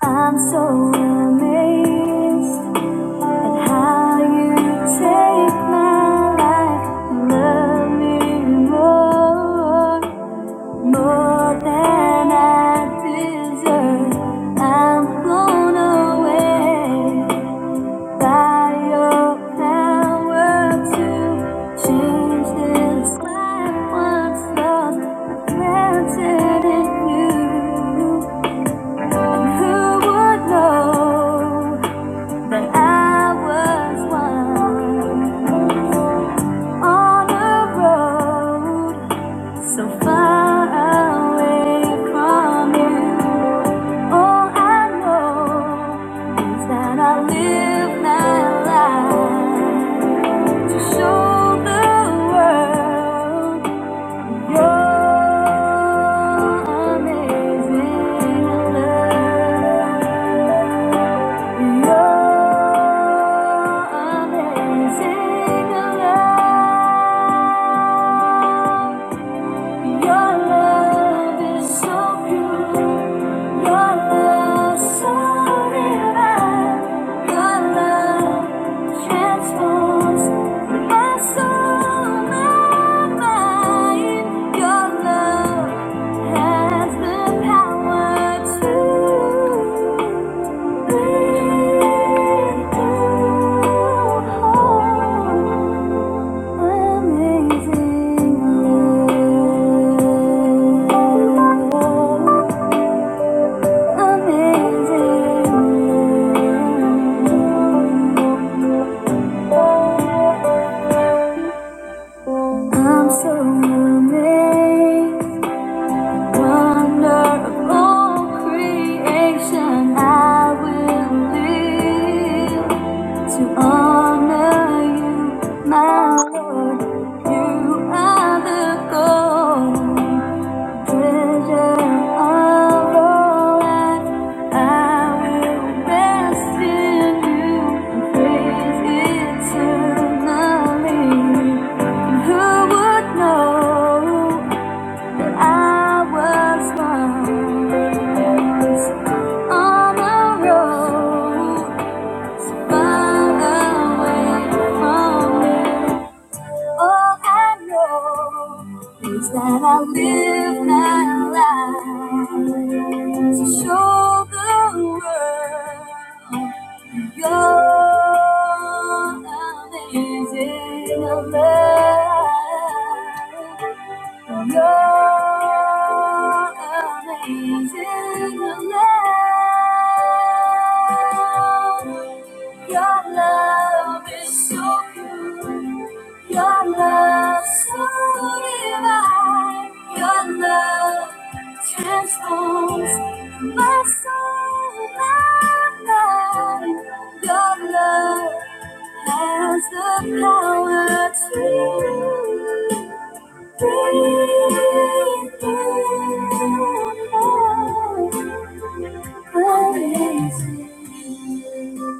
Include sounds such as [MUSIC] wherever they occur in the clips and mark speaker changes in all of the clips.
Speaker 1: I'm so amazed at how you take my life, and love me more, more than I deserve. I'm blown away by your power to change this life once lost, but planted in you. And who would know? But I was one on a road so far away from you. All I know is that I live my life to show the world your amazing love. Your Thank you I'm so amazed, wonderful creation. I will live to honor you, my Lord. You are the goal. On the road, far away from you. All I know is that I live my life to show the world your amazing love for Your amazing love. Your love is so pure. Your love so divine. Your love transforms my soul, my mind. Your love has the power to. Praise, praise, praise.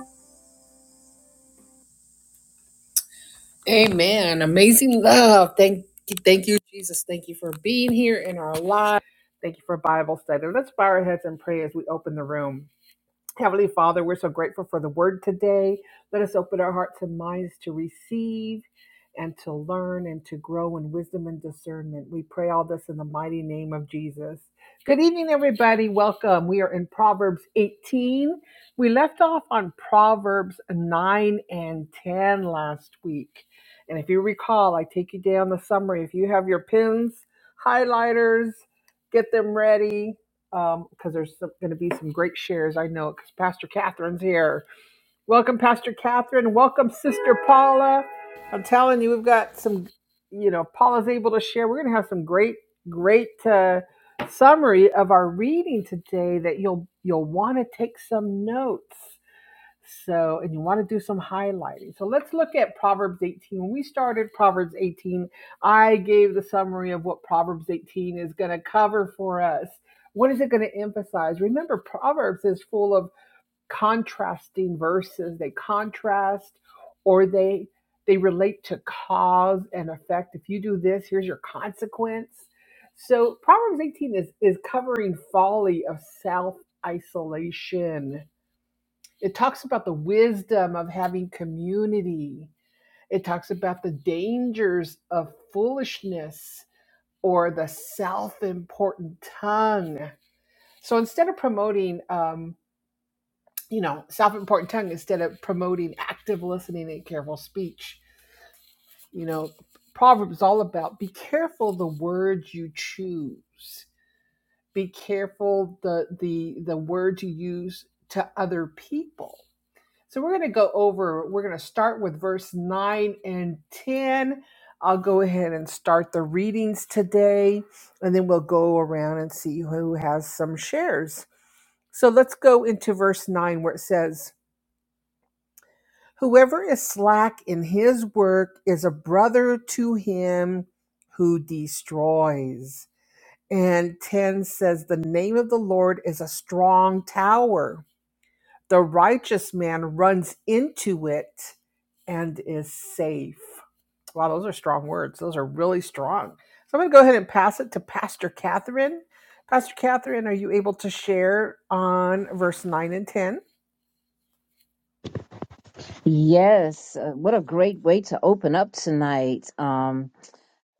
Speaker 2: Yes, uh, what a great way to open up tonight. Um,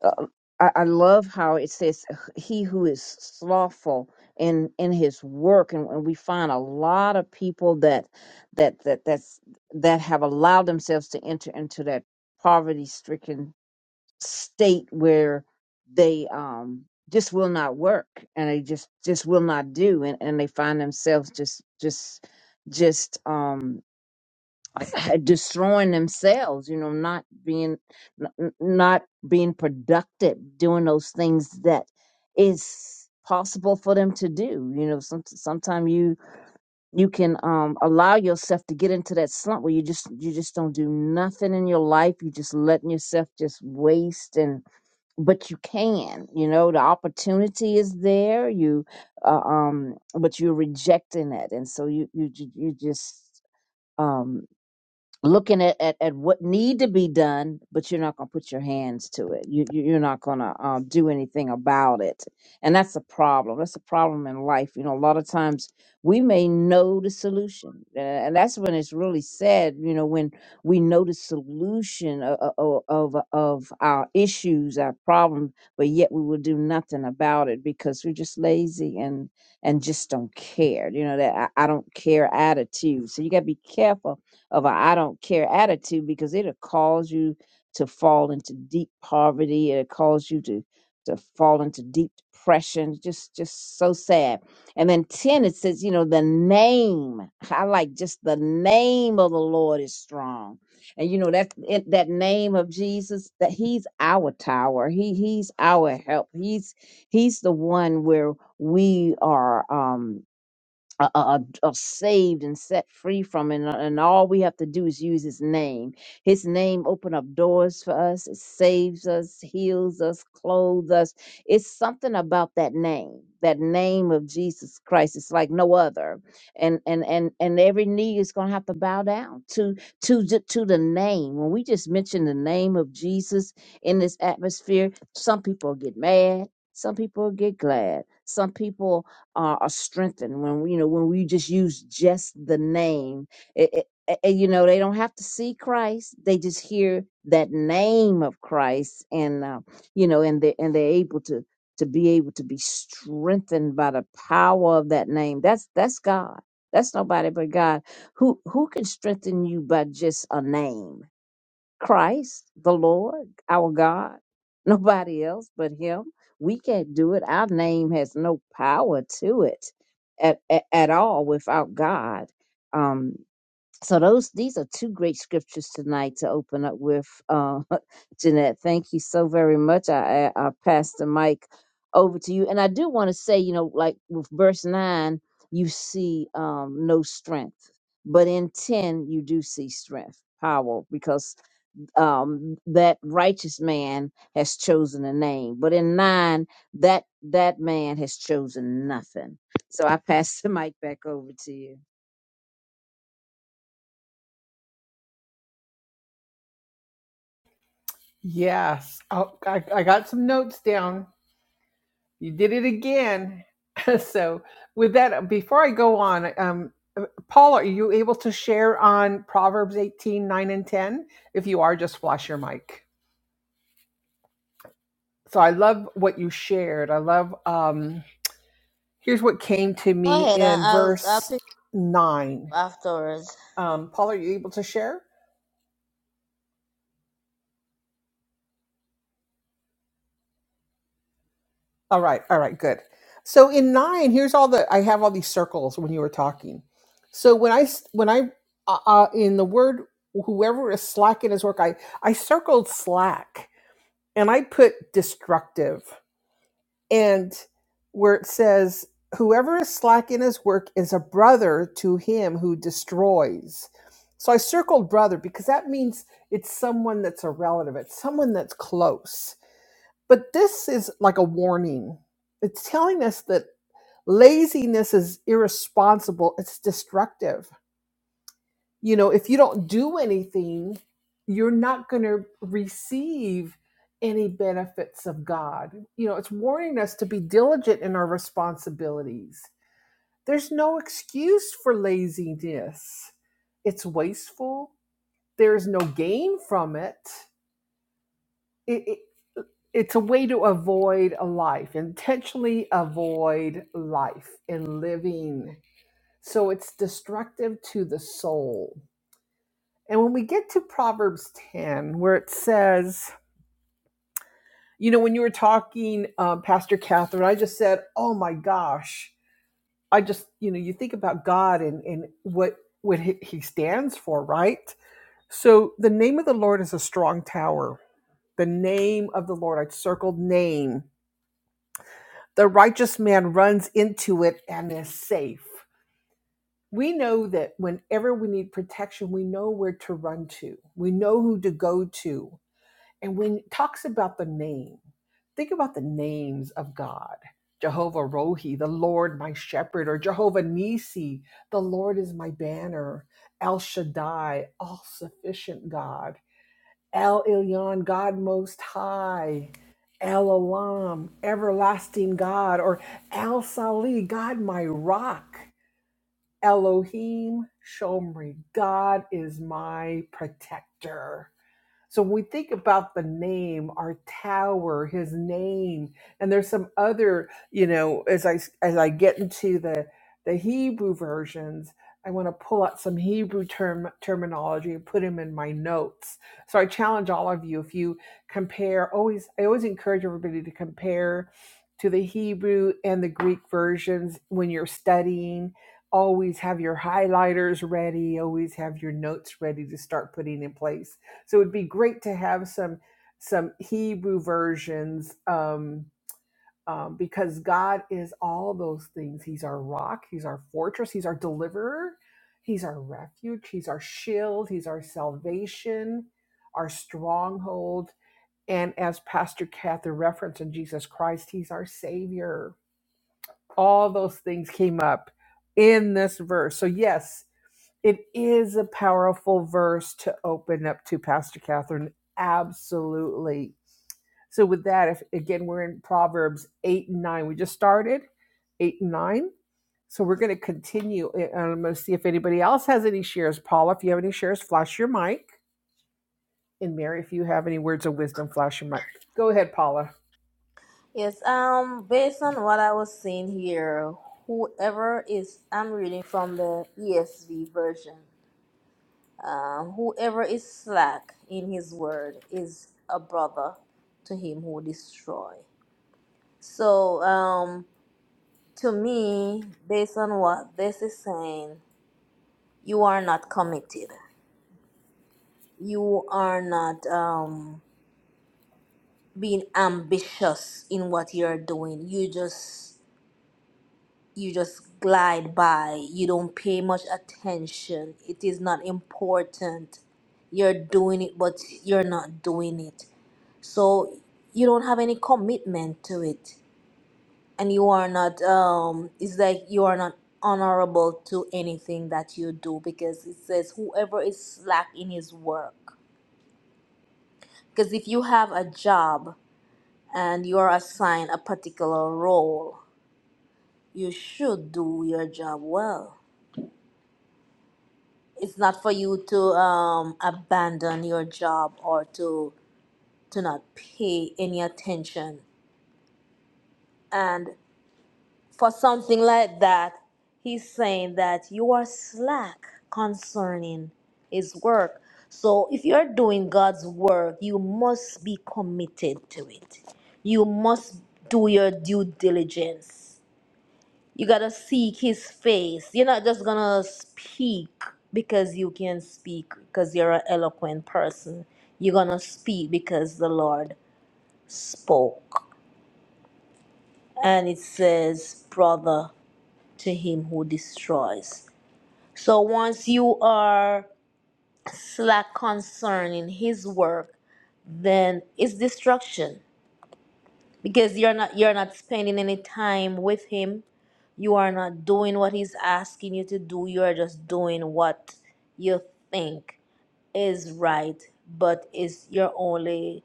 Speaker 2: uh, I, I love how it says, "He who is slothful in in his work," and, and we find a lot of people that that that that's that have allowed themselves to enter into that poverty-stricken state where they um just will not work and they just just will not do, and and they find themselves just just just um [LAUGHS] uh, destroying themselves you know not being n- n- not being productive doing those things that is possible for them to do you know some, sometimes you you can um allow yourself to get into that slump where you just you just don't do nothing in your life you just letting yourself just waste and but you can you know the opportunity is there you uh, um but you're rejecting it and so you you you you just um looking at, at, at what need to be done, but you're not going to put your hands to it. You, you you're not going to um, do anything about it, and that's a problem. That's a problem in life. You know, a lot of times we may know the solution, uh, and that's when it's really sad. You know, when we know the solution of of, of our issues, our problems, but yet we will do nothing about it because we're just lazy and and just don't care. You know that I, I don't care attitude. So you got to be careful of a I don't care attitude because it'll cause you to fall into deep poverty. It'll cause you to to fall into deep depression. Just just so sad. And then 10, it says, you know, the name. [LAUGHS] I like just the name of the Lord is strong. And you know that it, that name of Jesus, that He's our tower. He He's our help. He's He's the one where we are. Um, are, are, are saved and set free from and, and all we have to do is use his name his name open up doors for us it saves us heals us clothes us it's something about that name that name of jesus christ it's like no other and and and and every knee is going to have to bow down to to the- to the name when we just mention the name of jesus in this atmosphere some people get mad some people get glad some people uh, are strengthened when we, you know when we just use just the name. It, it, a- and, you know they don't have to see Christ; they just hear that name of Christ, and uh, you know, and they and they're able to to be able to be strengthened by the power of that name. That's that's God. That's nobody but God. Who who can strengthen you by just a name? Christ, the Lord, our God, [LAUGHS] nobody else but Him. We can't do it. Our name has no power to it at, at, at all without God. Um, so those these are two great scriptures tonight to open up with. Uh, [LAUGHS] Jeanette, thank you so very much. I, I, I pass the mic over to you, and I do want to say, you know, like with verse nine, you see um, no strength, but in ten you do see strength, power, because um, that righteous man has chosen a name, but in nine, that that man has chosen nothing. So I pass the mic back over to you.
Speaker 3: Go ahead, I- I'll I'll pick up afterwards. Yes, um, based on what I was seeing here, whoever is I'm reading from the ESV version. Um, whoever is slack in his word is a brother to him who destroy. So, um, to me, based on what this is saying, you are not committed. You are not um being ambitious in what you're doing. You just you just glide by you don't pay much attention it is not important you're doing it but you're not doing it so you don't have any commitment to it and you are not um it's like you are not honorable to anything that you do because it says whoever is slack in his work because if you have a job and you are assigned a particular role you should do your job well it's not for you to um, abandon your job or to to not pay any attention and for something like that he's saying that you are slack concerning his work so if you're doing god's work you must be committed to it you must do your due diligence You gotta seek his face. You're not just gonna speak because you can speak, because you're an eloquent person. You're gonna speak because the Lord spoke. And it says, brother to him who destroys. So once you are slack concerning his work, then it's destruction because you're not you're not spending any time with him you are not doing what he's asking you to do you are just doing what you think is right but is your only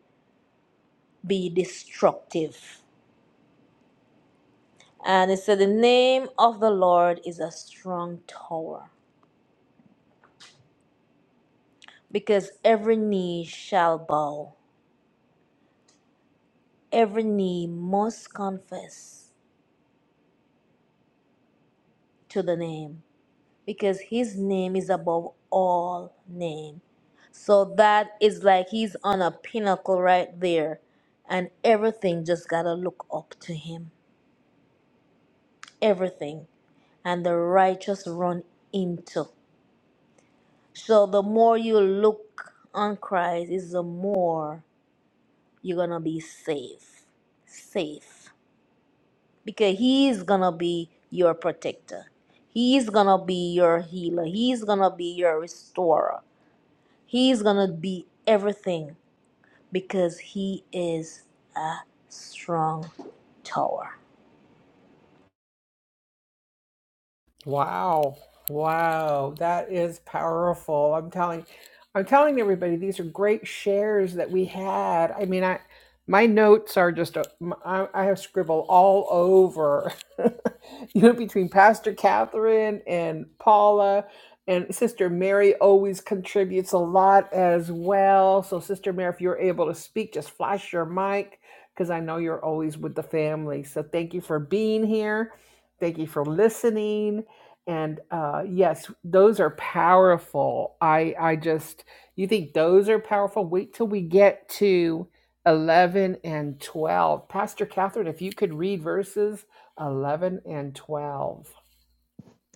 Speaker 3: be destructive and it said the name of the lord is a strong tower because every knee shall bow every knee must confess to the name because his name is above all name. So that is like he's on a pinnacle right there and everything just got to look up to him. Everything. And the righteous run into. So the more you look on Christ is the more you're going to be safe. Safe. Because he's going to be your protector. He's going to be your healer. He's going to be your restorer. He's gonna be everything because he is strong tower.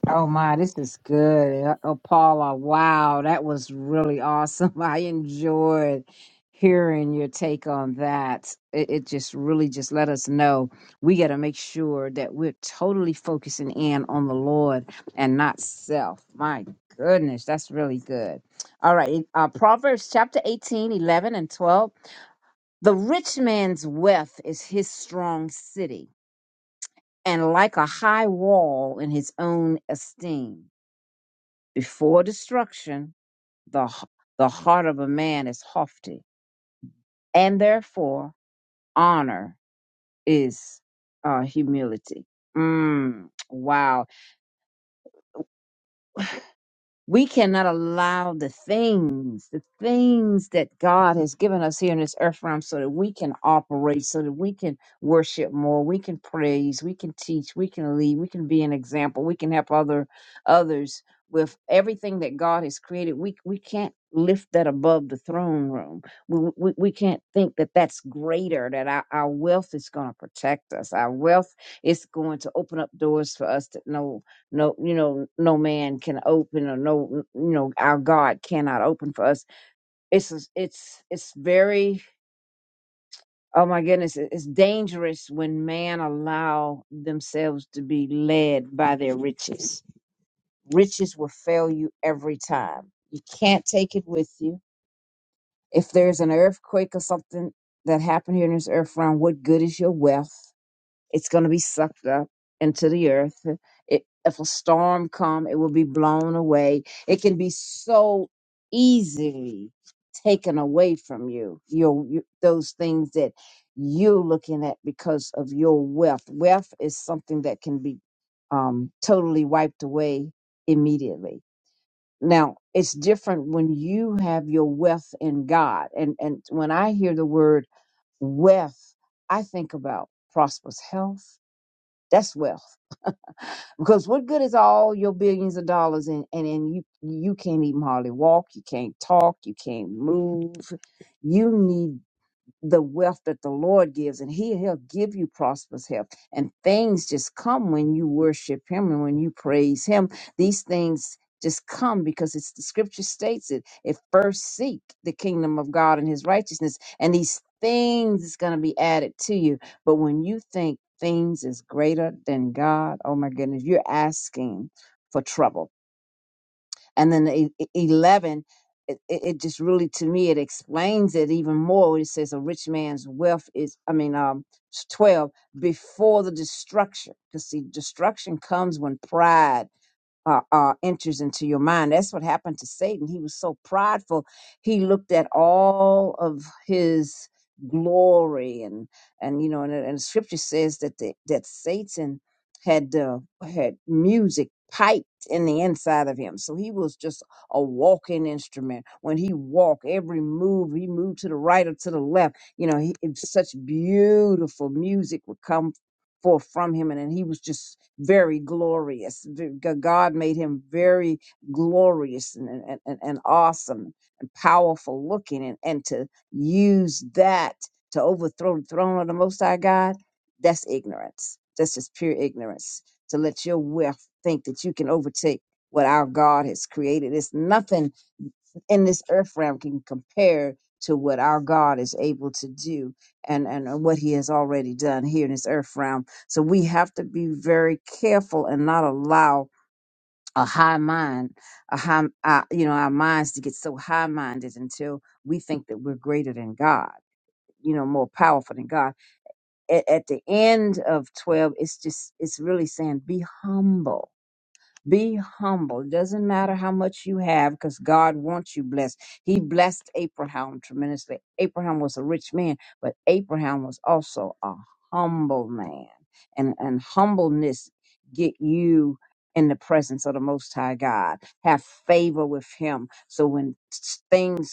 Speaker 2: Oh my, this is good. Uh, Oh, Paula, wow, that was really awesome. [LAUGHS] I enjoyed hearing your take on that. It, it just really just let us know we got to make sure that we're totally focusing in on the Lord and not self. My goodness, that's really good. All right, uh, Proverbs chapter 18, 11, and 12. The rich man's wealth is his strong city, and like a high wall in his own esteem. Before destruction, the, h- the heart of a man is haughty, and therefore honor is uh, humility. Mm, wow. We cannot allow the things, the things that God has given us here in this earth realm so that we can operate, so that we can worship more, we can praise, we can teach, we can lead, we can be an example, we can help other others with everything that God has created. We we can't lift that above the throne room. We we, we can't think that that's greater, that our, our wealth is going to protect us. Our wealth is going to open up doors for us that no no you know no man can open or no you know our god cannot open for us it's it's it's very oh my goodness it- it's dangerous when man allow themselves to be led by their riches riches will fail you every time you can't take it with you if there's an earthquake or something that happened here in this earth realm what good is your wealth it's going to be sucked up into the earth. It, if a storm come, it will be blown away. It can be so easily taken away from you. Your you, those things that you're looking at because of your wealth. Wealth is something that can be um, totally wiped away immediately. Now it's different when you have your wealth in God, and and when I hear the word wealth, I think about prosperous health. That's wealth. Because what good is all your billions of dollars and and, and you you can't even hardly walk, you can't talk, you can't move. You need the wealth that the Lord gives, and He He'll give you prosperous health. And things just come when you worship Him and when you praise Him. These things just come because it's the Scripture states it. If first seek the kingdom of God and His righteousness, and these things is going to be added to you. But when you think things is greater than God, oh my goodness, you're asking for trouble and then the e- e- 11 it, it it just really to me it explains it even more when it says a rich man's wealth is i mean um 12 before the destruction because see destruction comes when pride uh, uh, enters into your mind. That's what happened to Satan. He was so prideful. He looked at all of his glory and and you know and, and the scripture says that the, that Satan had uh, had music piped in the inside of him. So he was just a walking instrument. When he walked, every move, he moved to the right or to the left. You know, he, it- was such beautiful music would come forth from him and, and he was just very glorious V- G- god made him very glorious and, and, and, and awesome and powerful looking and, and to use that to overthrow the throne of the most high god that's ignorance that's just pure ignorance to let your wealth think that you can overtake what our god has created it's nothing in this earth realm can compare to what our God is able to do and, and what he has already done here in this earth realm so we have to be very careful and not allow a high mind, a high, uh, you know, our minds to get so high minded until we think that we're greater than God, you know, more powerful than God. At, at the end of 12, it's just, it's really saying be humble be humble. Doesn't matter how much you have because God wants you blessed. He blessed Abraham tremendously. Abraham was a rich man, but Abraham was also a humble man. And, and humbleness get you in the presence of the Most High God. Have favor with Him. So when s- things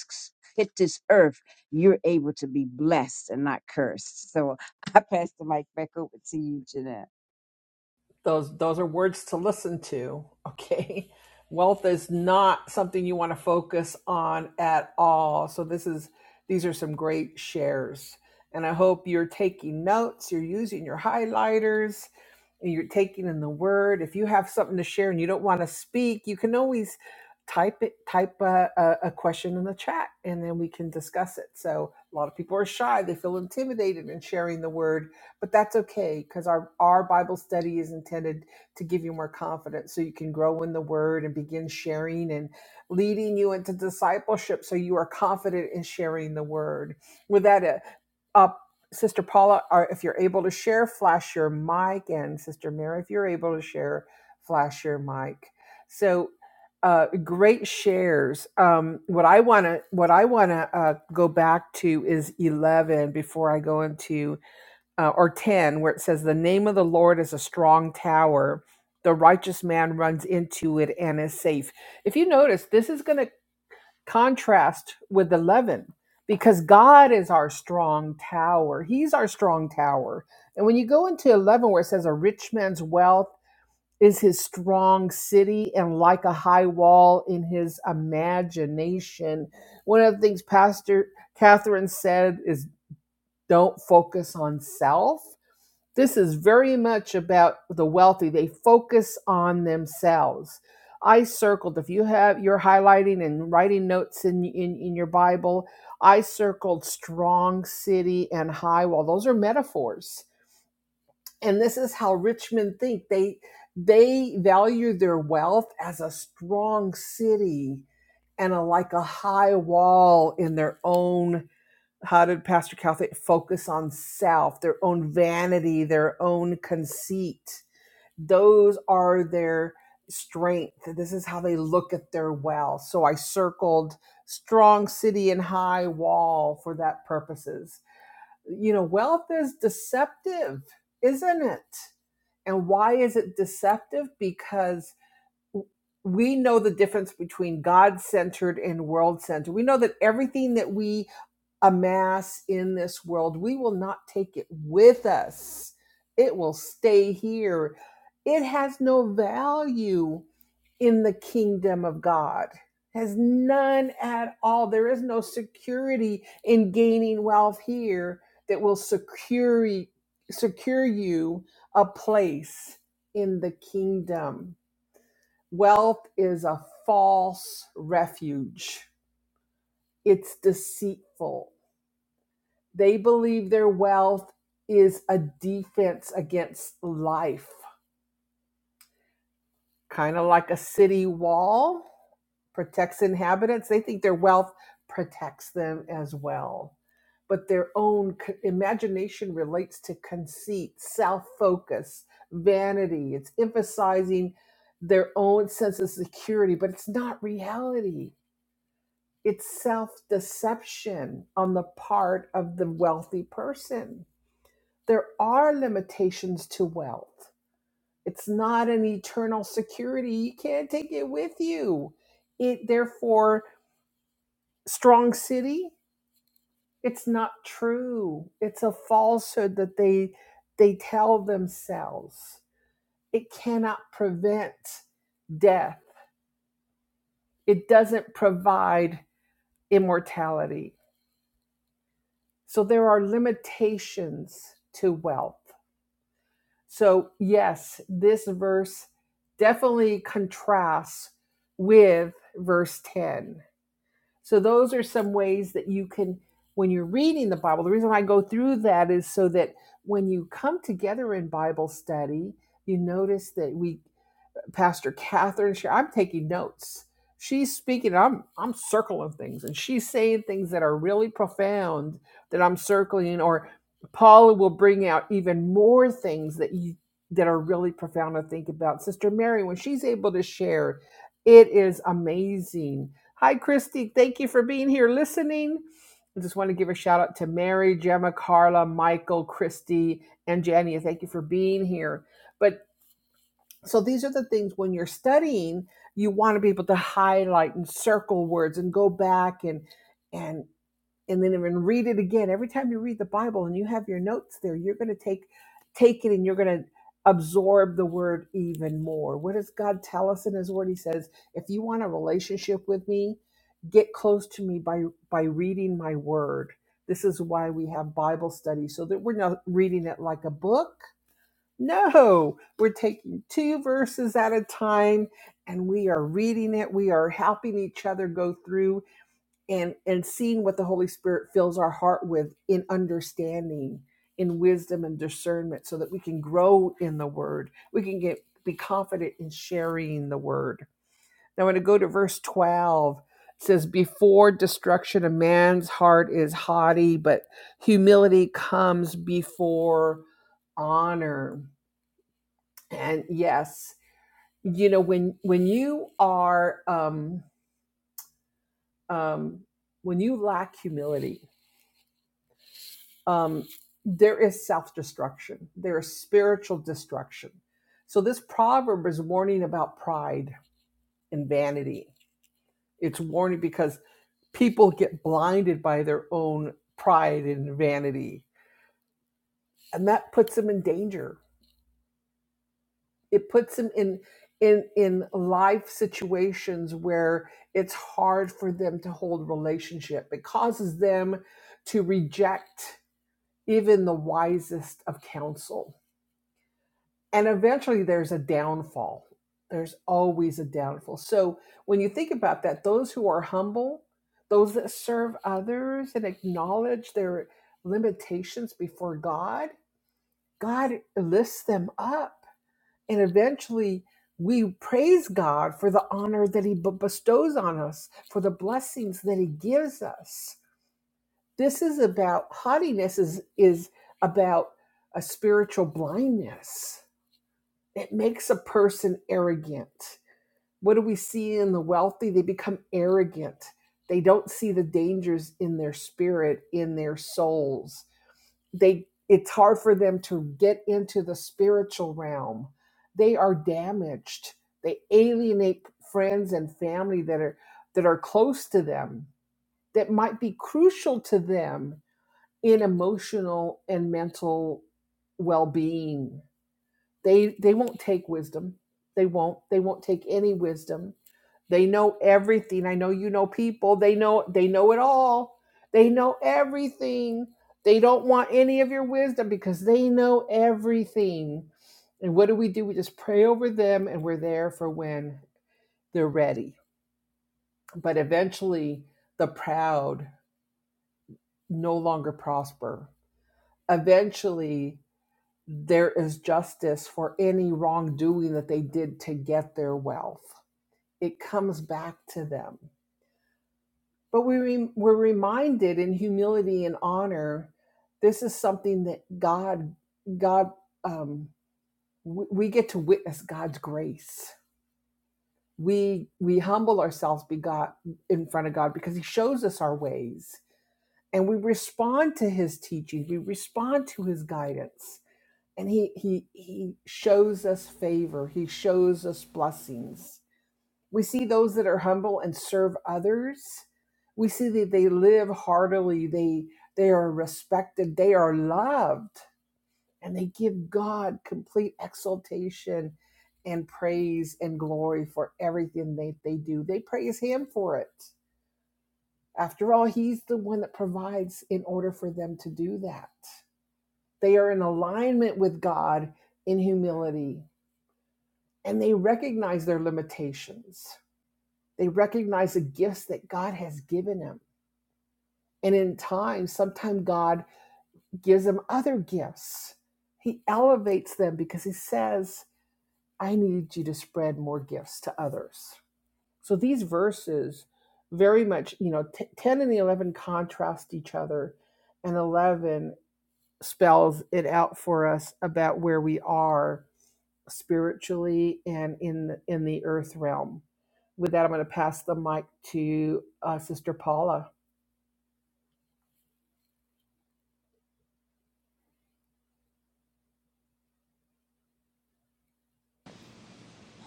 Speaker 2: hit this earth, you're able to be blessed and not cursed. So [LAUGHS] I pass the mic back over to you, Jeanette.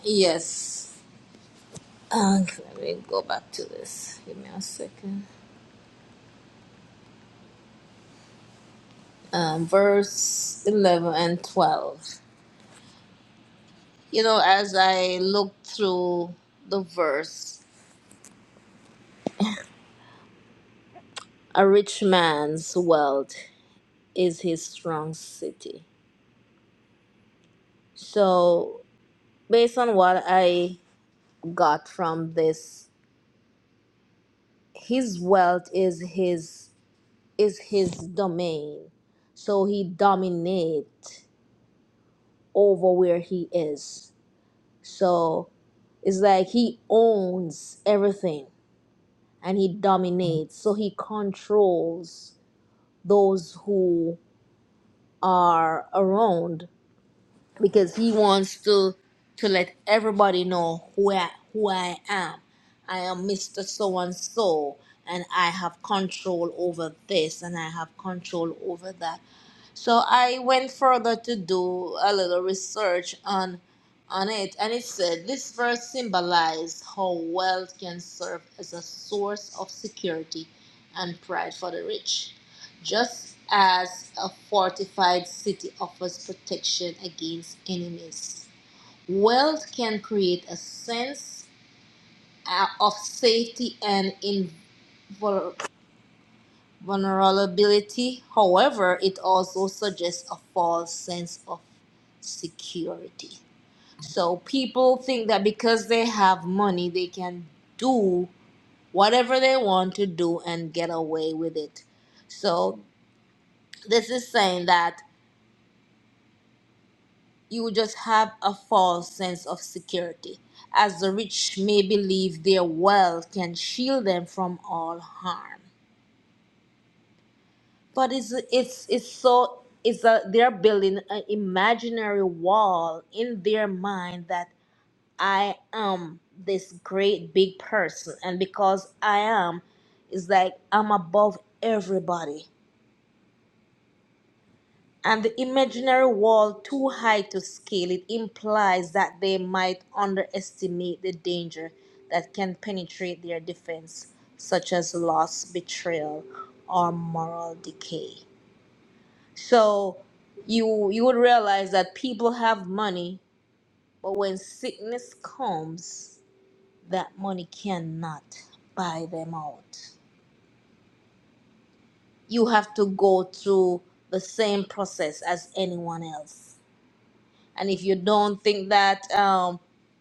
Speaker 3: Yes. Um, let me go back to this. Give me a second. Um, verse 11 and 12. You know, as I looked through the verse, a rich man's wealth is his strong city. So, based on what I got from this, his wealth is his is his domain. So he dominate over where he is. So it's like he owns everything and he dominates. So he controls those who are around because he wants to to let everybody know who I, who I am. I am Mr. So and so and I have control over this and I have control over that So I went further to do a little research on on it and it said this verse symbolized how wealth can serve as a source of security and pride for the rich. Just as a fortified city offers protection against enemies, wealth can create a sense uh, of safety and invulnerability vulnerability. However, it also suggests a false sense of security. So people think that because they have money, they can do whatever they want to do and get away with it. So this is saying that you just have a false sense of security, as the rich may believe their wealth can shield them from all harm. But it's it's it's so it's a they're building an imaginary wall in their mind that I am this great big person, and because I am, it's like I'm above everybody. And the imaginary wall too high to scale it implies that they might underestimate the danger that can penetrate their defense, such as loss, betrayal, or moral decay. So you you would realize that people have money, but when sickness comes, that money cannot buy them out. You have to go through the same process as anyone else. And if you don't think that um,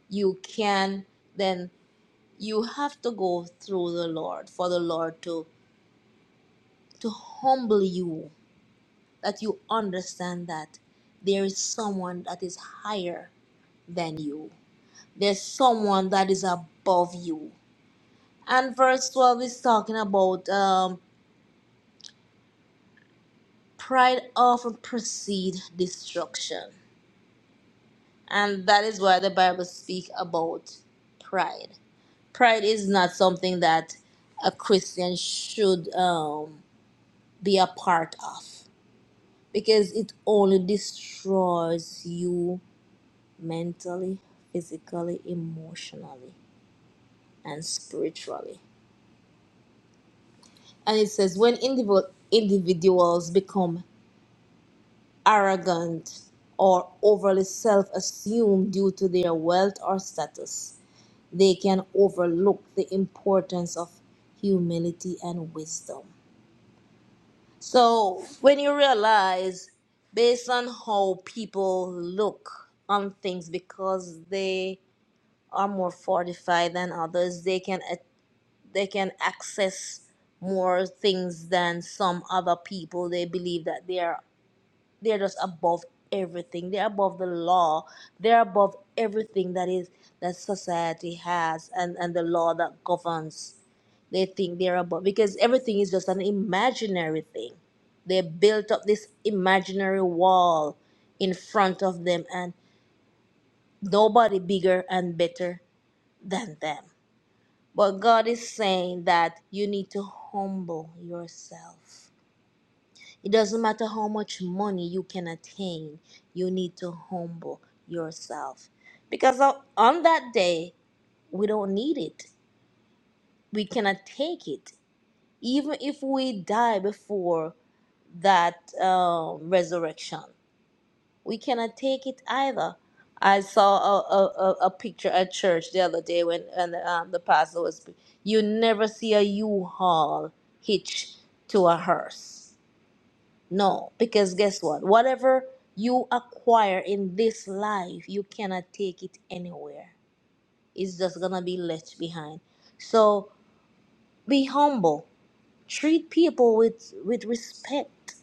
Speaker 3: you can, then you have to go through the Lord for the Lord to to humble you, that you understand that there is someone that is higher than you there's someone that is above you. And verse 12 is talking about um, pride often precede destruction. And that is why the Bible speaks about pride. Pride is not something that a Christian should um, be a part of because it only destroys you mentally, physically, emotionally, and spiritually. And it says, when indiv- individuals become arrogant or overly self assumed due to their wealth or status, they can overlook the importance of humility and wisdom. So, when you realize, based on how people look on things because they are more fortified than others, they can they can access more things than some other people. They believe that they are they're just above everything. They're above the law. They're above everything that is that society has and, and the law that governs. They think they're above because everything is just an imaginary thing. They built up this imaginary wall in front of them and nobody bigger and better than them. But God is saying that you need to humble yourself. It doesn't matter how much money you can attain, you need to humble yourself. Because on on that day, we don't need it. We cannot take it. Even if we die before that um, resurrection, we cannot take it either. I saw a, a, a, a picture at church the other day when and um, the pastor was. pre- You never see a U-Haul hitch to a hearse. No, because guess what? Whatever you acquire in this life, you cannot take it anywhere. It's just gonna be left behind. So be humble Treat people with, with respect.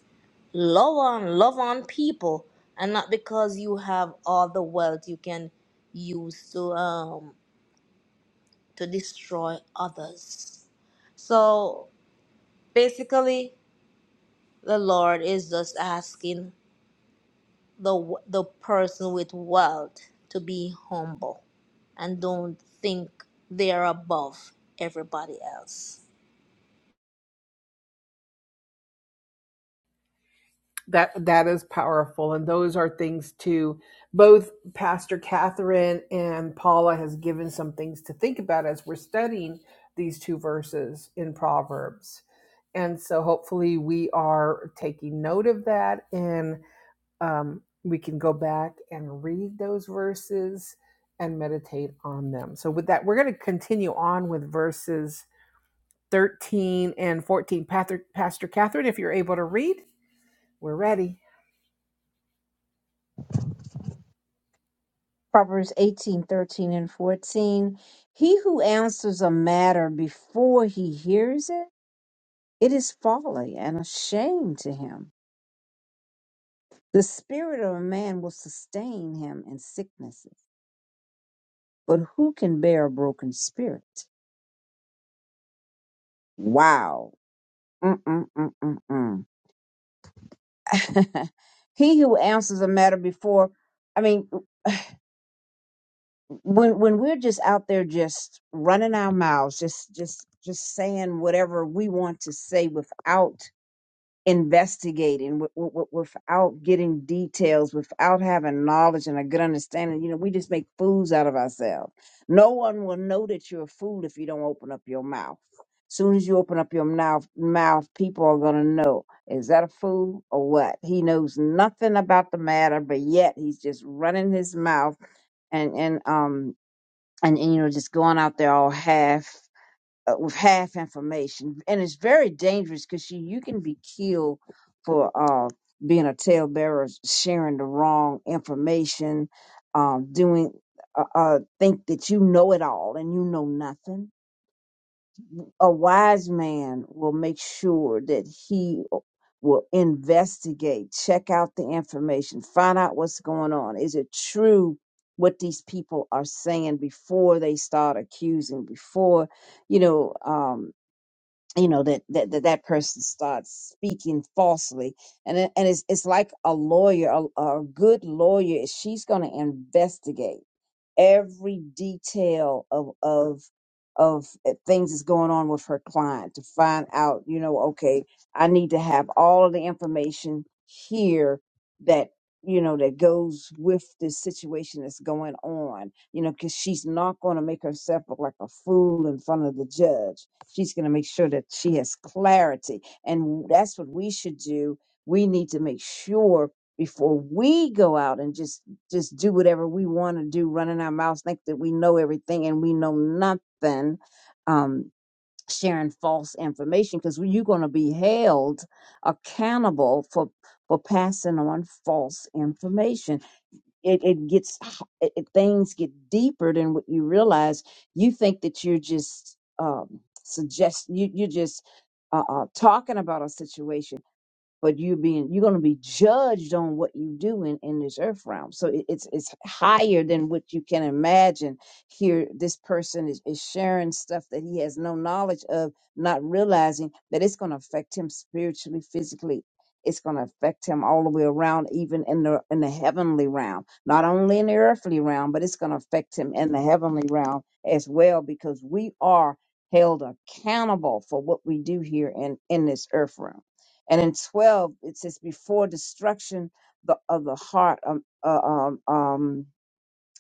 Speaker 3: Love on, love on people. And not because you have all the wealth you can use to, um, to destroy others. So basically, the Lord is just asking the, the person with wealth to be humble and don't think they're above everybody else.
Speaker 2: Proverbs eighteen thirteen and 14. He who answers a matter before he hears it, it is folly and a shame to him. The spirit of a man will sustain him in sicknesses, but who can bear a broken spirit? Wow. Mm-mm-mm-mm-mm. [LAUGHS] he who answers a matter before, I mean, [SIGHS] when when we're just out there just running our mouths just just just saying whatever we want to say without investigating w- w- without getting details without having knowledge and a good understanding you know we just make fools out of ourselves no one will know that you're a fool if you don't open up your mouth soon as you open up your mouth mouth people are going to know is that a fool or what he knows nothing about the matter but yet he's just running his mouth and and um and, and you know just going out there all half uh, with half information, and it's very dangerous because you you can be killed for uh, being a talebearer, sharing the wrong information, um, doing uh, uh, think that you know it all and you know nothing. A wise man will make sure that he uh, will investigate, check out the information, find out what's going on. Is it true? What these people are saying before they start accusing, before you know, Um, you know that that that, that person starts speaking falsely and it, and it's it's like a lawyer a, a good lawyer she's going to investigate every detail of of of eh, things that's going on with her client to find out you know okay i need to have all of the information here that you know that goes with this situation that's going on you know because she's not going to make herself look like a fool in front of the judge She's going to make sure that she has clarity. And that's what we should do. We need to make sure before we go out and just just do whatever we want to do, running our mouths, think that we know everything and we know nothing, um, sharing false information because you're going to be held accountable for for passing on false information it, it gets h- it, it- things get deeper than what you realize you think that you're just um suggest you you're just uh, uh talking about a situation but you're being you're going to be judged on what you do in, in this earth realm so it, it's it's higher than what you can imagine here this person is, is sharing stuff that he has no knowledge of not realizing that it's going to affect him spiritually physically it's going to affect him all the way around even in the in the heavenly realm not only in the earthly realm but it's going to affect him in the heavenly realm as well because we are held accountable for what we do here in in this earth realm and in 12, it says, before destruction the, of the heart, um, uh, um, um,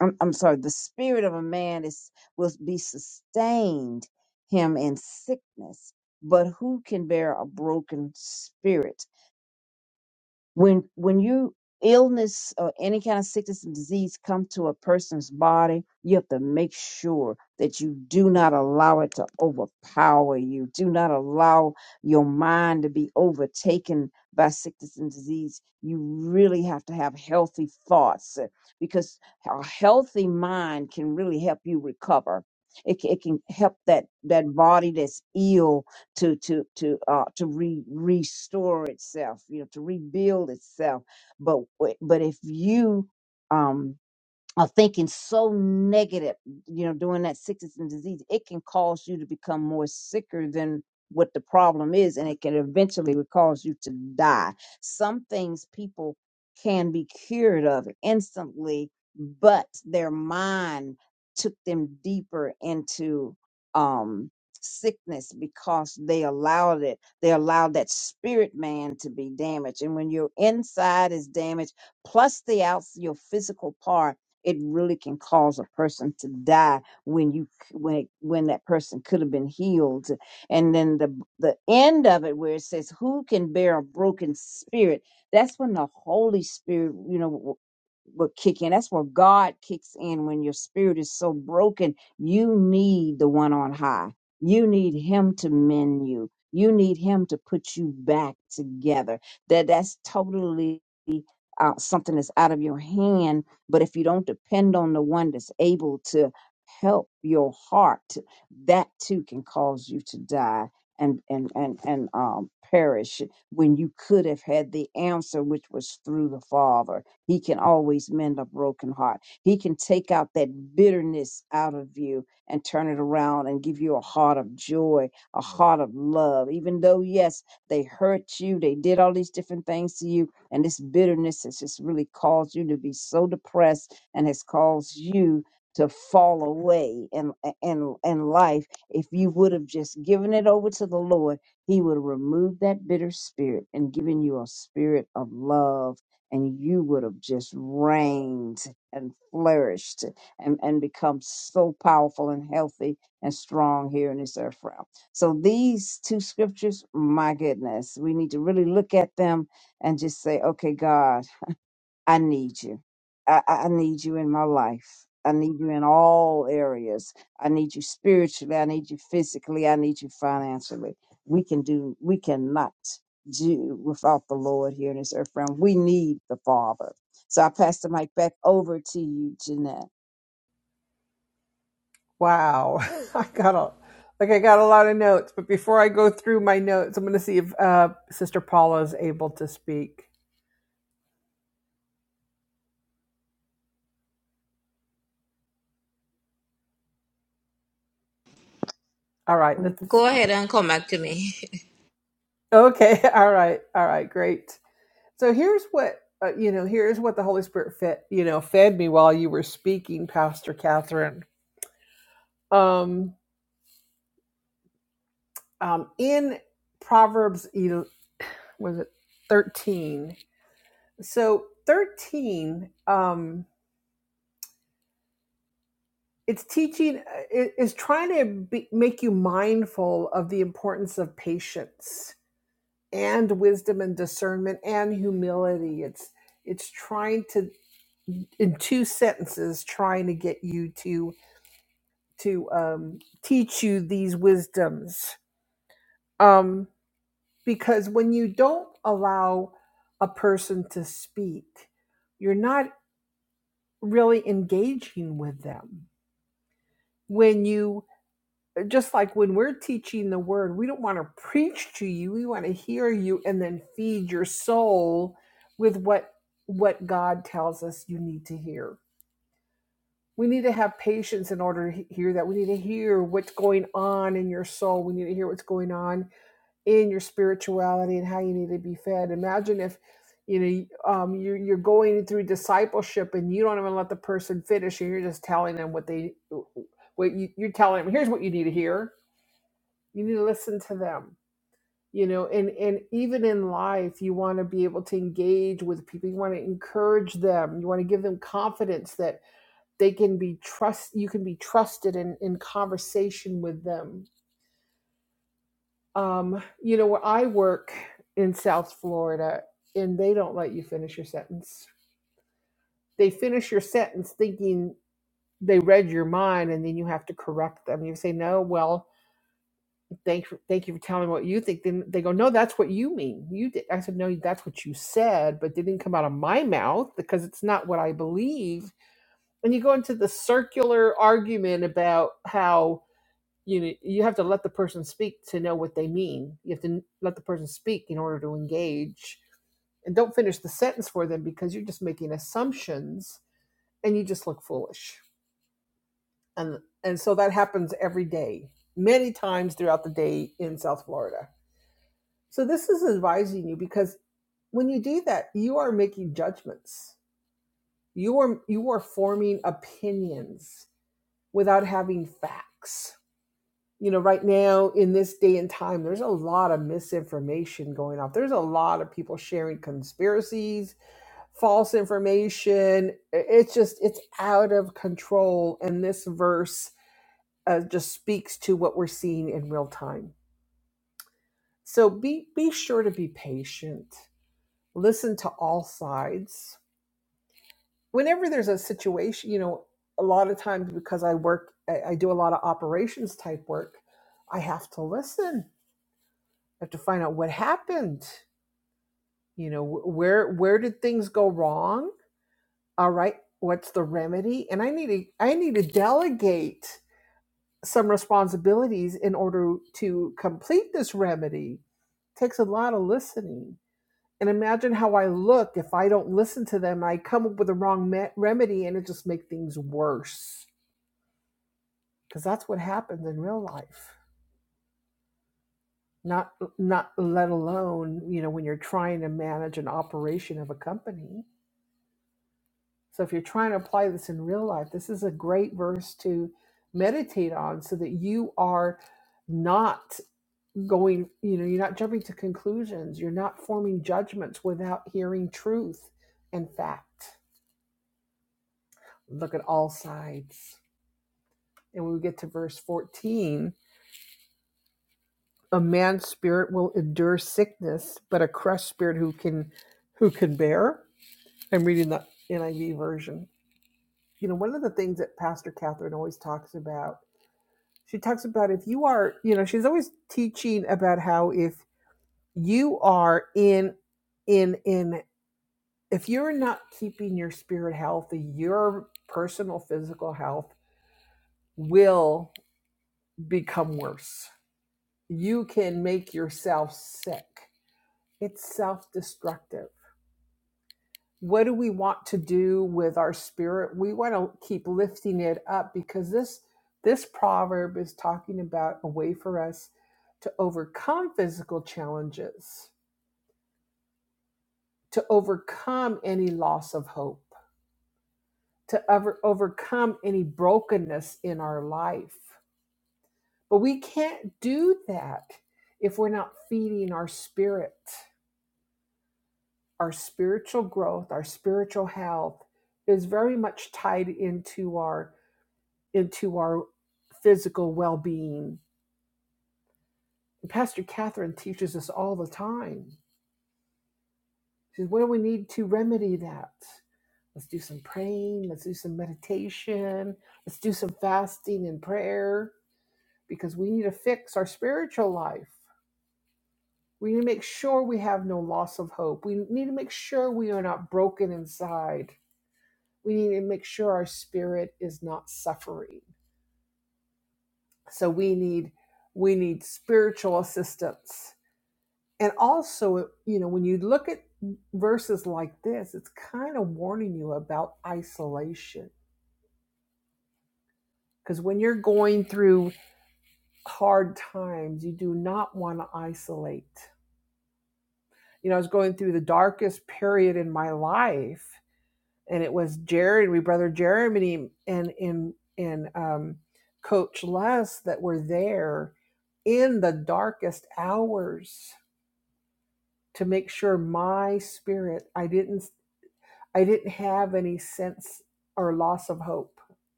Speaker 2: I'm, I'm sorry, the spirit of a man is will be sustained him in sickness. But who can bear a broken spirit? when when you illness or any kind of sickness and disease come to a person's body you have to make sure that you do not allow it to overpower you do not allow your mind to be overtaken by sickness and disease you really have to have healthy thoughts uh, because a healthy mind can really help you recover it, ca- it can help that that body that's ill to to to uh to re restore itself you know to rebuild itself but w- but if you um or thinking so negative, you know, during that sickness and disease, it can cause you to become more sicker than what the problem is, and it can eventually would cause you to die. Some things people can be cured of instantly, but their mind took them deeper into um sickness because they allowed it they allowed that spirit man to be damaged and when your inside is damaged plus the outs your physical part it really can cause a person to die when you c- when it, when that person could have been healed and then the the end of it where it says who can bear a broken spirit that's when the holy spirit you know w- will kick in that's where god kicks in when your spirit is so broken you need the one on high you need him to mend you you need him to put you back together that that's totally uh, something that's out of your hand. But if you don't depend on the one that's able to help your heart, that too can cause you to die and and and and um, perish when you could have had the answer, which was through the Father. He can always mend a broken heart. He can take out that bitterness out of you and turn it around and give you a heart of joy, a heart of love. Even though yes, they hurt you, they did all these different things to you and this bitterness has just really caused you to be so depressed and has caused you to fall away in, in, in life. If you would have just given it over to the Lord, He would have removed that bitter spirit and given you a spirit of love. And you would have just reigned and flourished and, and become so powerful and healthy and strong here in this earth realm. So these two scriptures, my goodness, we need to really look at them and just say, okay, God, I need you. I, I I need you in my life. I need you in all areas. I need you spiritually. I need you physically. I need you financially. We can do, we cannot do without the Lord here in this earth realm. We need the Father. So I pass the mic back over to you, Jeanette.
Speaker 3: Go ahead and come back to me. [LAUGHS]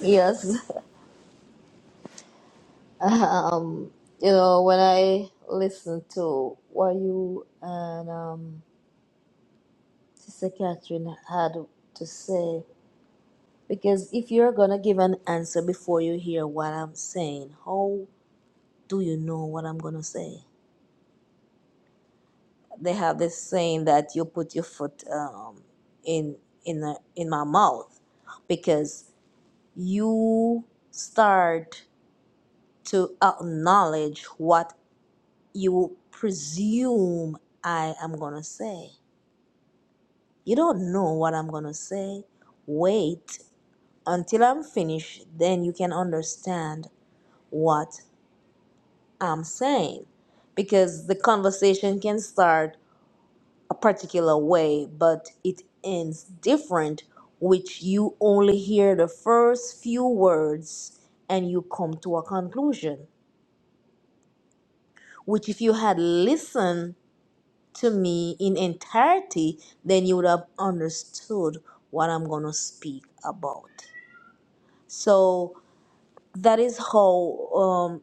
Speaker 3: Yes. [LAUGHS] [LAUGHS] Um, you know, when I listened to what you and um, Sister Catherine had to say, because if you're going to give an answer before you hear what I'm saying, how do you know what I'm going to say? They have this saying that you put your foot um, in in the, in my mouth because you start to acknowledge what you presume I am going to say You don't know what I'm going to say. Wait until I'm finished, then you can understand what I'm saying. Because the conversation can start a particular way, but it ends different, which you only hear the first few words and you come to a conclusion. Which, if you had listened to me in entirety, then you would have understood what I'm going to speak about. So that is how um,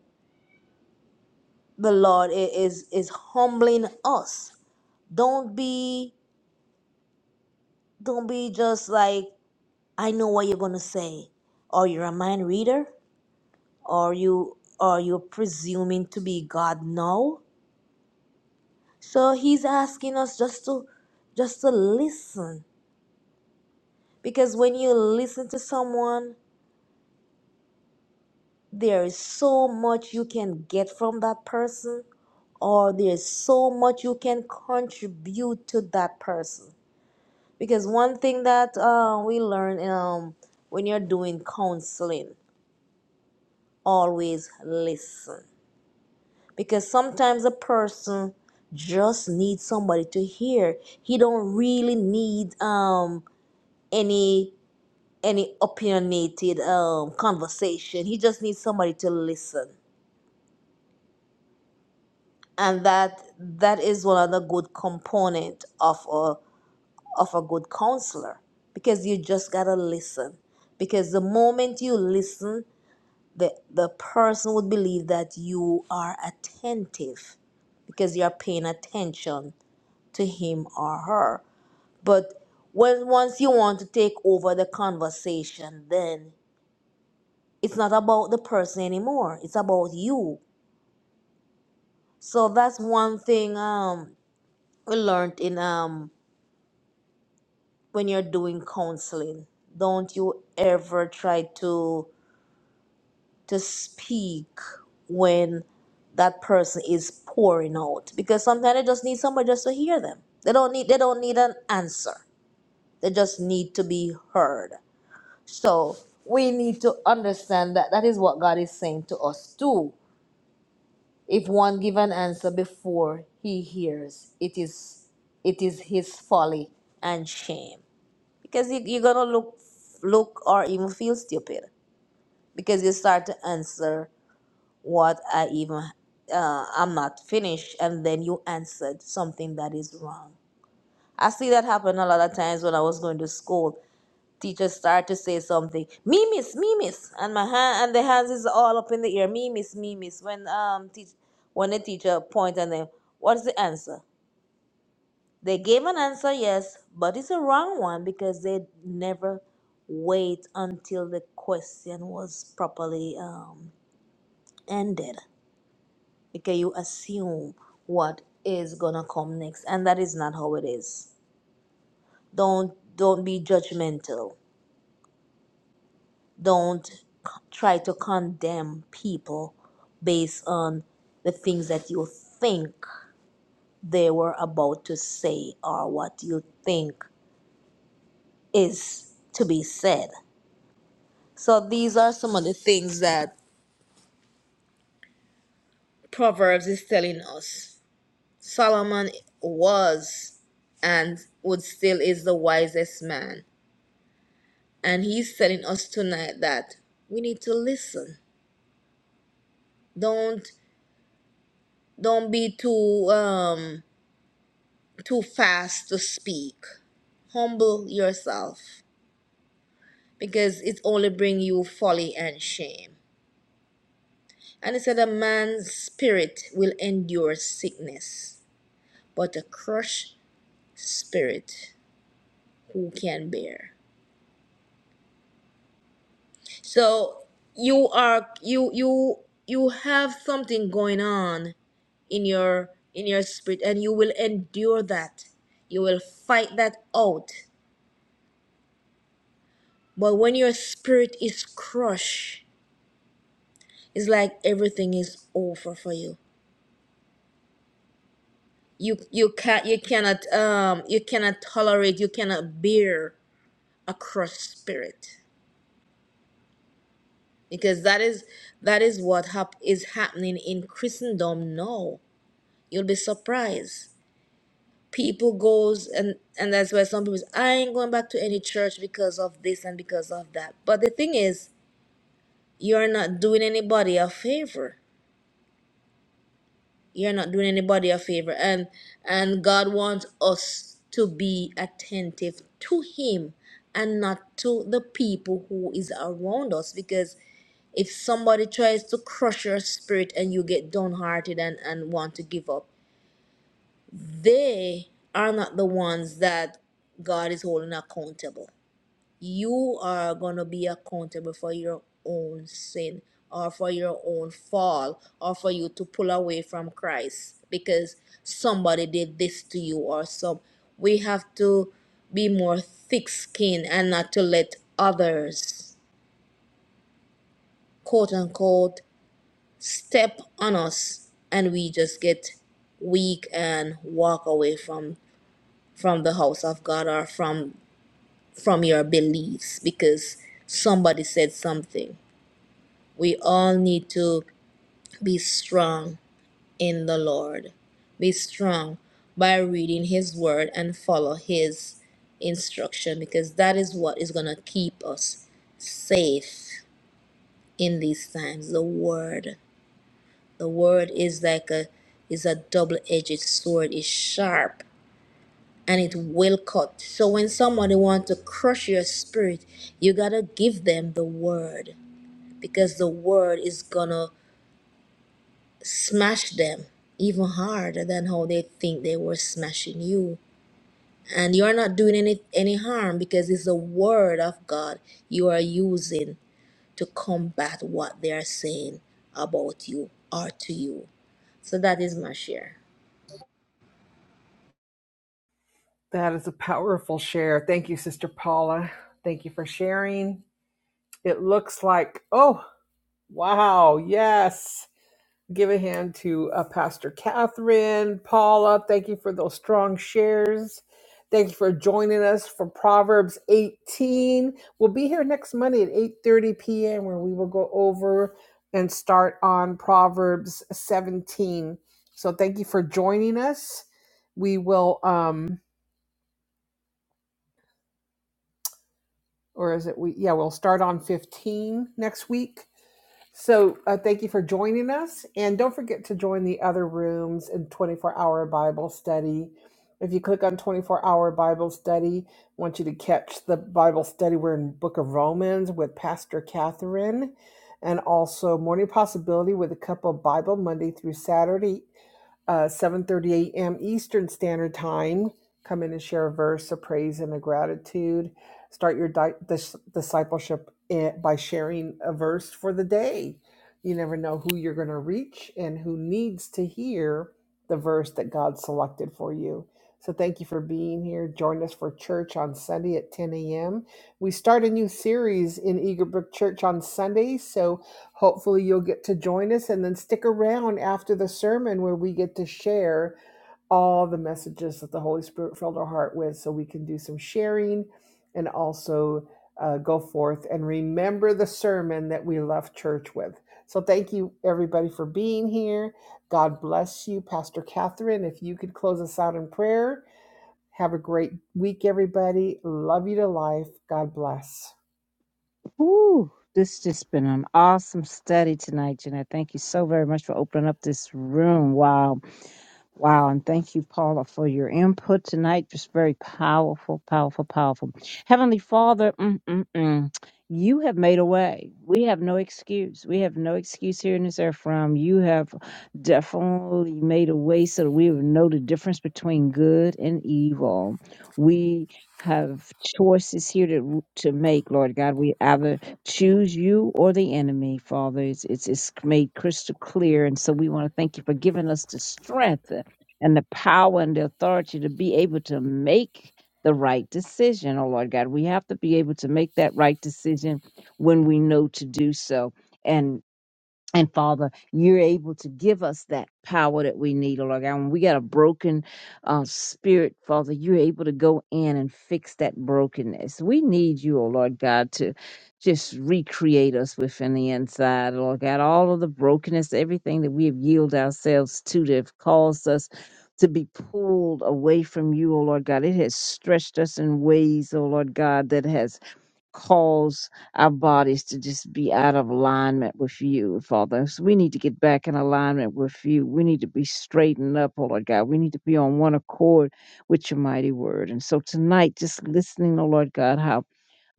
Speaker 3: the Lord i- is is humbling us. Don't be don't be just like I know what you're gonna say, or you're a mind reader, or you or you're presuming to be God. No. So He's asking us just to just to listen, because when you listen to someone there is so much you can get from that person or there's so much you can contribute to that person because one thing that uh, we learn um, when you're doing counseling always listen because sometimes a person just needs somebody to hear he don't really need um, any any opinionated um, conversation he just needs somebody to listen and that that is one of the good component of a of a good counselor because you just gotta listen because the moment you listen the the person would believe that you are attentive because you're paying attention to him or her but when once you want to take over the conversation then it's not about the person anymore it's about you so that's one thing um we learned in um when you're doing counseling don't you ever try to to speak when that person is pouring out because sometimes they just need somebody just to hear them they don't need they don't need an answer they just need to be heard so we need to understand that that is what god is saying to us too if one give an answer before he hears it is it is his folly and shame because you, you're gonna look look or even feel stupid because you start to answer what i even uh, i'm not finished and then you answered something that is wrong i see that happen a lot of times when i was going to school teachers start to say something me miss me miss and my hand and the hands is all up in the air me miss me miss when um teach when the teacher point and then what's the answer They gave an answer yes, but it's a wrong one because they never wait until the question was properly um, ended. Because you assume what is gonna come next, and that is not how it is. Don't don't be judgmental. Don't c- try to condemn people based on the things that you think they were about to say or what you think is to be said So these are some of the things that Proverbs is telling us. Solomon was and would still is the wisest man. And he's telling us tonight that we need to listen. Don't don't be too um too fast to speak. Humble yourself because it only bring you folly and shame. And it said a man's spirit will endure sickness, but a crushed spirit who can bear so you are you you you have something going on in your in your spirit and you will endure that you will fight that out but when your spirit is crushed it's like everything is over for you you you can't you cannot um you cannot tolerate you cannot bear a crushed spirit because that is that is what hap- is happening in christendom now you'll be surprised people goes and and that's why some people say, i ain't going back to any church because of this and because of that but the thing is you're not doing anybody a favor you're not doing anybody a favor and and god wants us to be attentive to him and not to the people who is around us because if somebody tries to crush your spirit and you get downhearted and, and want to give up, they are not the ones that God is holding accountable. You are going to be accountable for your own sin or for your own fall or for you to pull away from Christ because somebody did this to you or some. We have to be more thick skinned and not to let others, quote unquote, step on us and we just get weak and walk away from from the house of God or from from your beliefs because somebody said something. We all need to be strong in the Lord. Be strong by reading his word and follow his instruction because that is what is going to keep us safe in these times the word The word is like a is a double-edged sword. It's sharp and it will cut. So when somebody wants to crush your spirit, you gotta give them the word because the word is gonna smash them even harder than how they think they were smashing you. And you're not doing any any harm because it's the word of God you are using to combat what they are saying about you or to you. So that is my share.
Speaker 2: Ooh, this just been an awesome study tonight, Jeanette. Thank you so very much for opening up this room. Wow. Wow, and thank you, Paula, for your input tonight. Just very powerful, powerful, powerful. Heavenly Father, mm, mm, mm, you have made a way. We have no excuse. We have no excuse here in this earth from you. Have definitely made a way so that we would know the difference between good and evil. We have choices here to to make, Lord God. We either choose you or the enemy, Father. It's it's, it's made crystal clear, and so we want to thank you for giving us the strength and the power and the authority to be able to make the right decision, oh Lord God. We have to be able to make that right decision when we know to do so. And Father, you're able to give us that power that we need, oh Lord God. When we got a broken uh, spirit, Father, you're able to go in and fix that brokenness. We need you, oh Lord God, to just recreate us within the inside, oh Lord God. All of the brokenness, everything that we have yielded ourselves to that have caused us to be pulled away from you, oh Lord God. It has stretched us in ways, oh Lord God, that has cause our bodies to just be out of alignment with you, Father. So we need to get back in alignment with you. We need to be straightened up, oh Lord God. We need to be on one accord with your mighty word. And so tonight, just listening, oh Lord God, how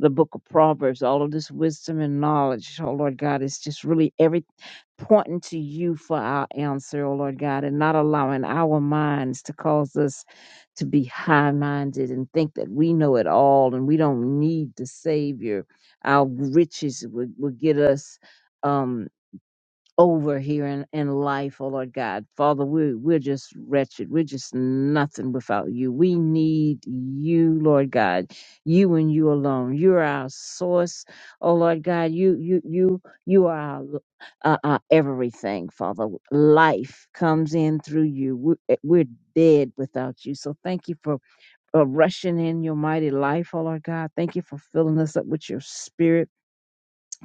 Speaker 2: the book of Proverbs, all of this wisdom and knowledge, oh Lord God, is just really everything pointing to you for our answer, oh Lord God, and not allowing our minds to cause us to be high minded and think that we know it all and we don't need the Savior. Our riches will, will get us. Um, over here in, in life, oh Lord God. Father, we, we're just wretched. We're just nothing without you. We need you, Lord God. You and you alone. You're our source, oh Lord God. You, you, you, you are our, uh, our everything, Father. Life comes in through you. We're, eh, we're dead without you. So thank you for uh, rushing in your mighty life, oh Lord God. Thank you for filling us up with your spirit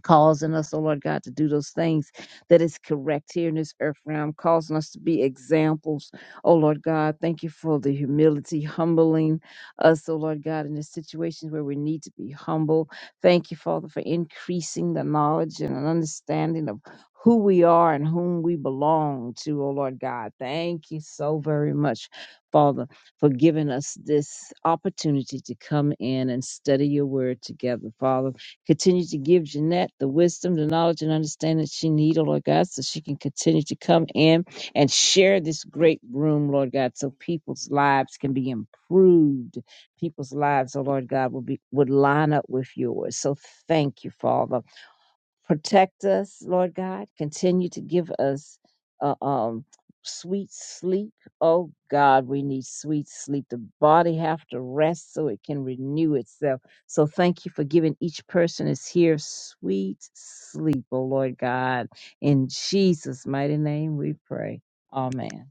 Speaker 2: causing us, oh Lord God, to do those things that is correct here in this earth realm, causing us to be examples, oh Lord God. Thank you for the humility, humbling us, oh Lord God, in the situations where we need to be humble. Thank you, Father, for increasing the knowledge and an understanding of who we are and whom we belong to, oh Lord God. Thank you so very much, Father, for giving us this opportunity to come in and study your word together, Father. Continue to give Jeanette the wisdom, the knowledge, and understanding she needs, oh Lord God, so she can continue to come in and share this great room, Lord God, so people's lives can be improved. People's lives, oh Lord God, will be would line up with yours. So thank you, Father protect us, Lord God. Continue to give us uh, um, sweet sleep. Oh God, we need sweet sleep. The body have to rest so it can renew itself. So thank you for giving each person is here sweet sleep, oh Lord God. In Jesus' mighty name we pray. Amen.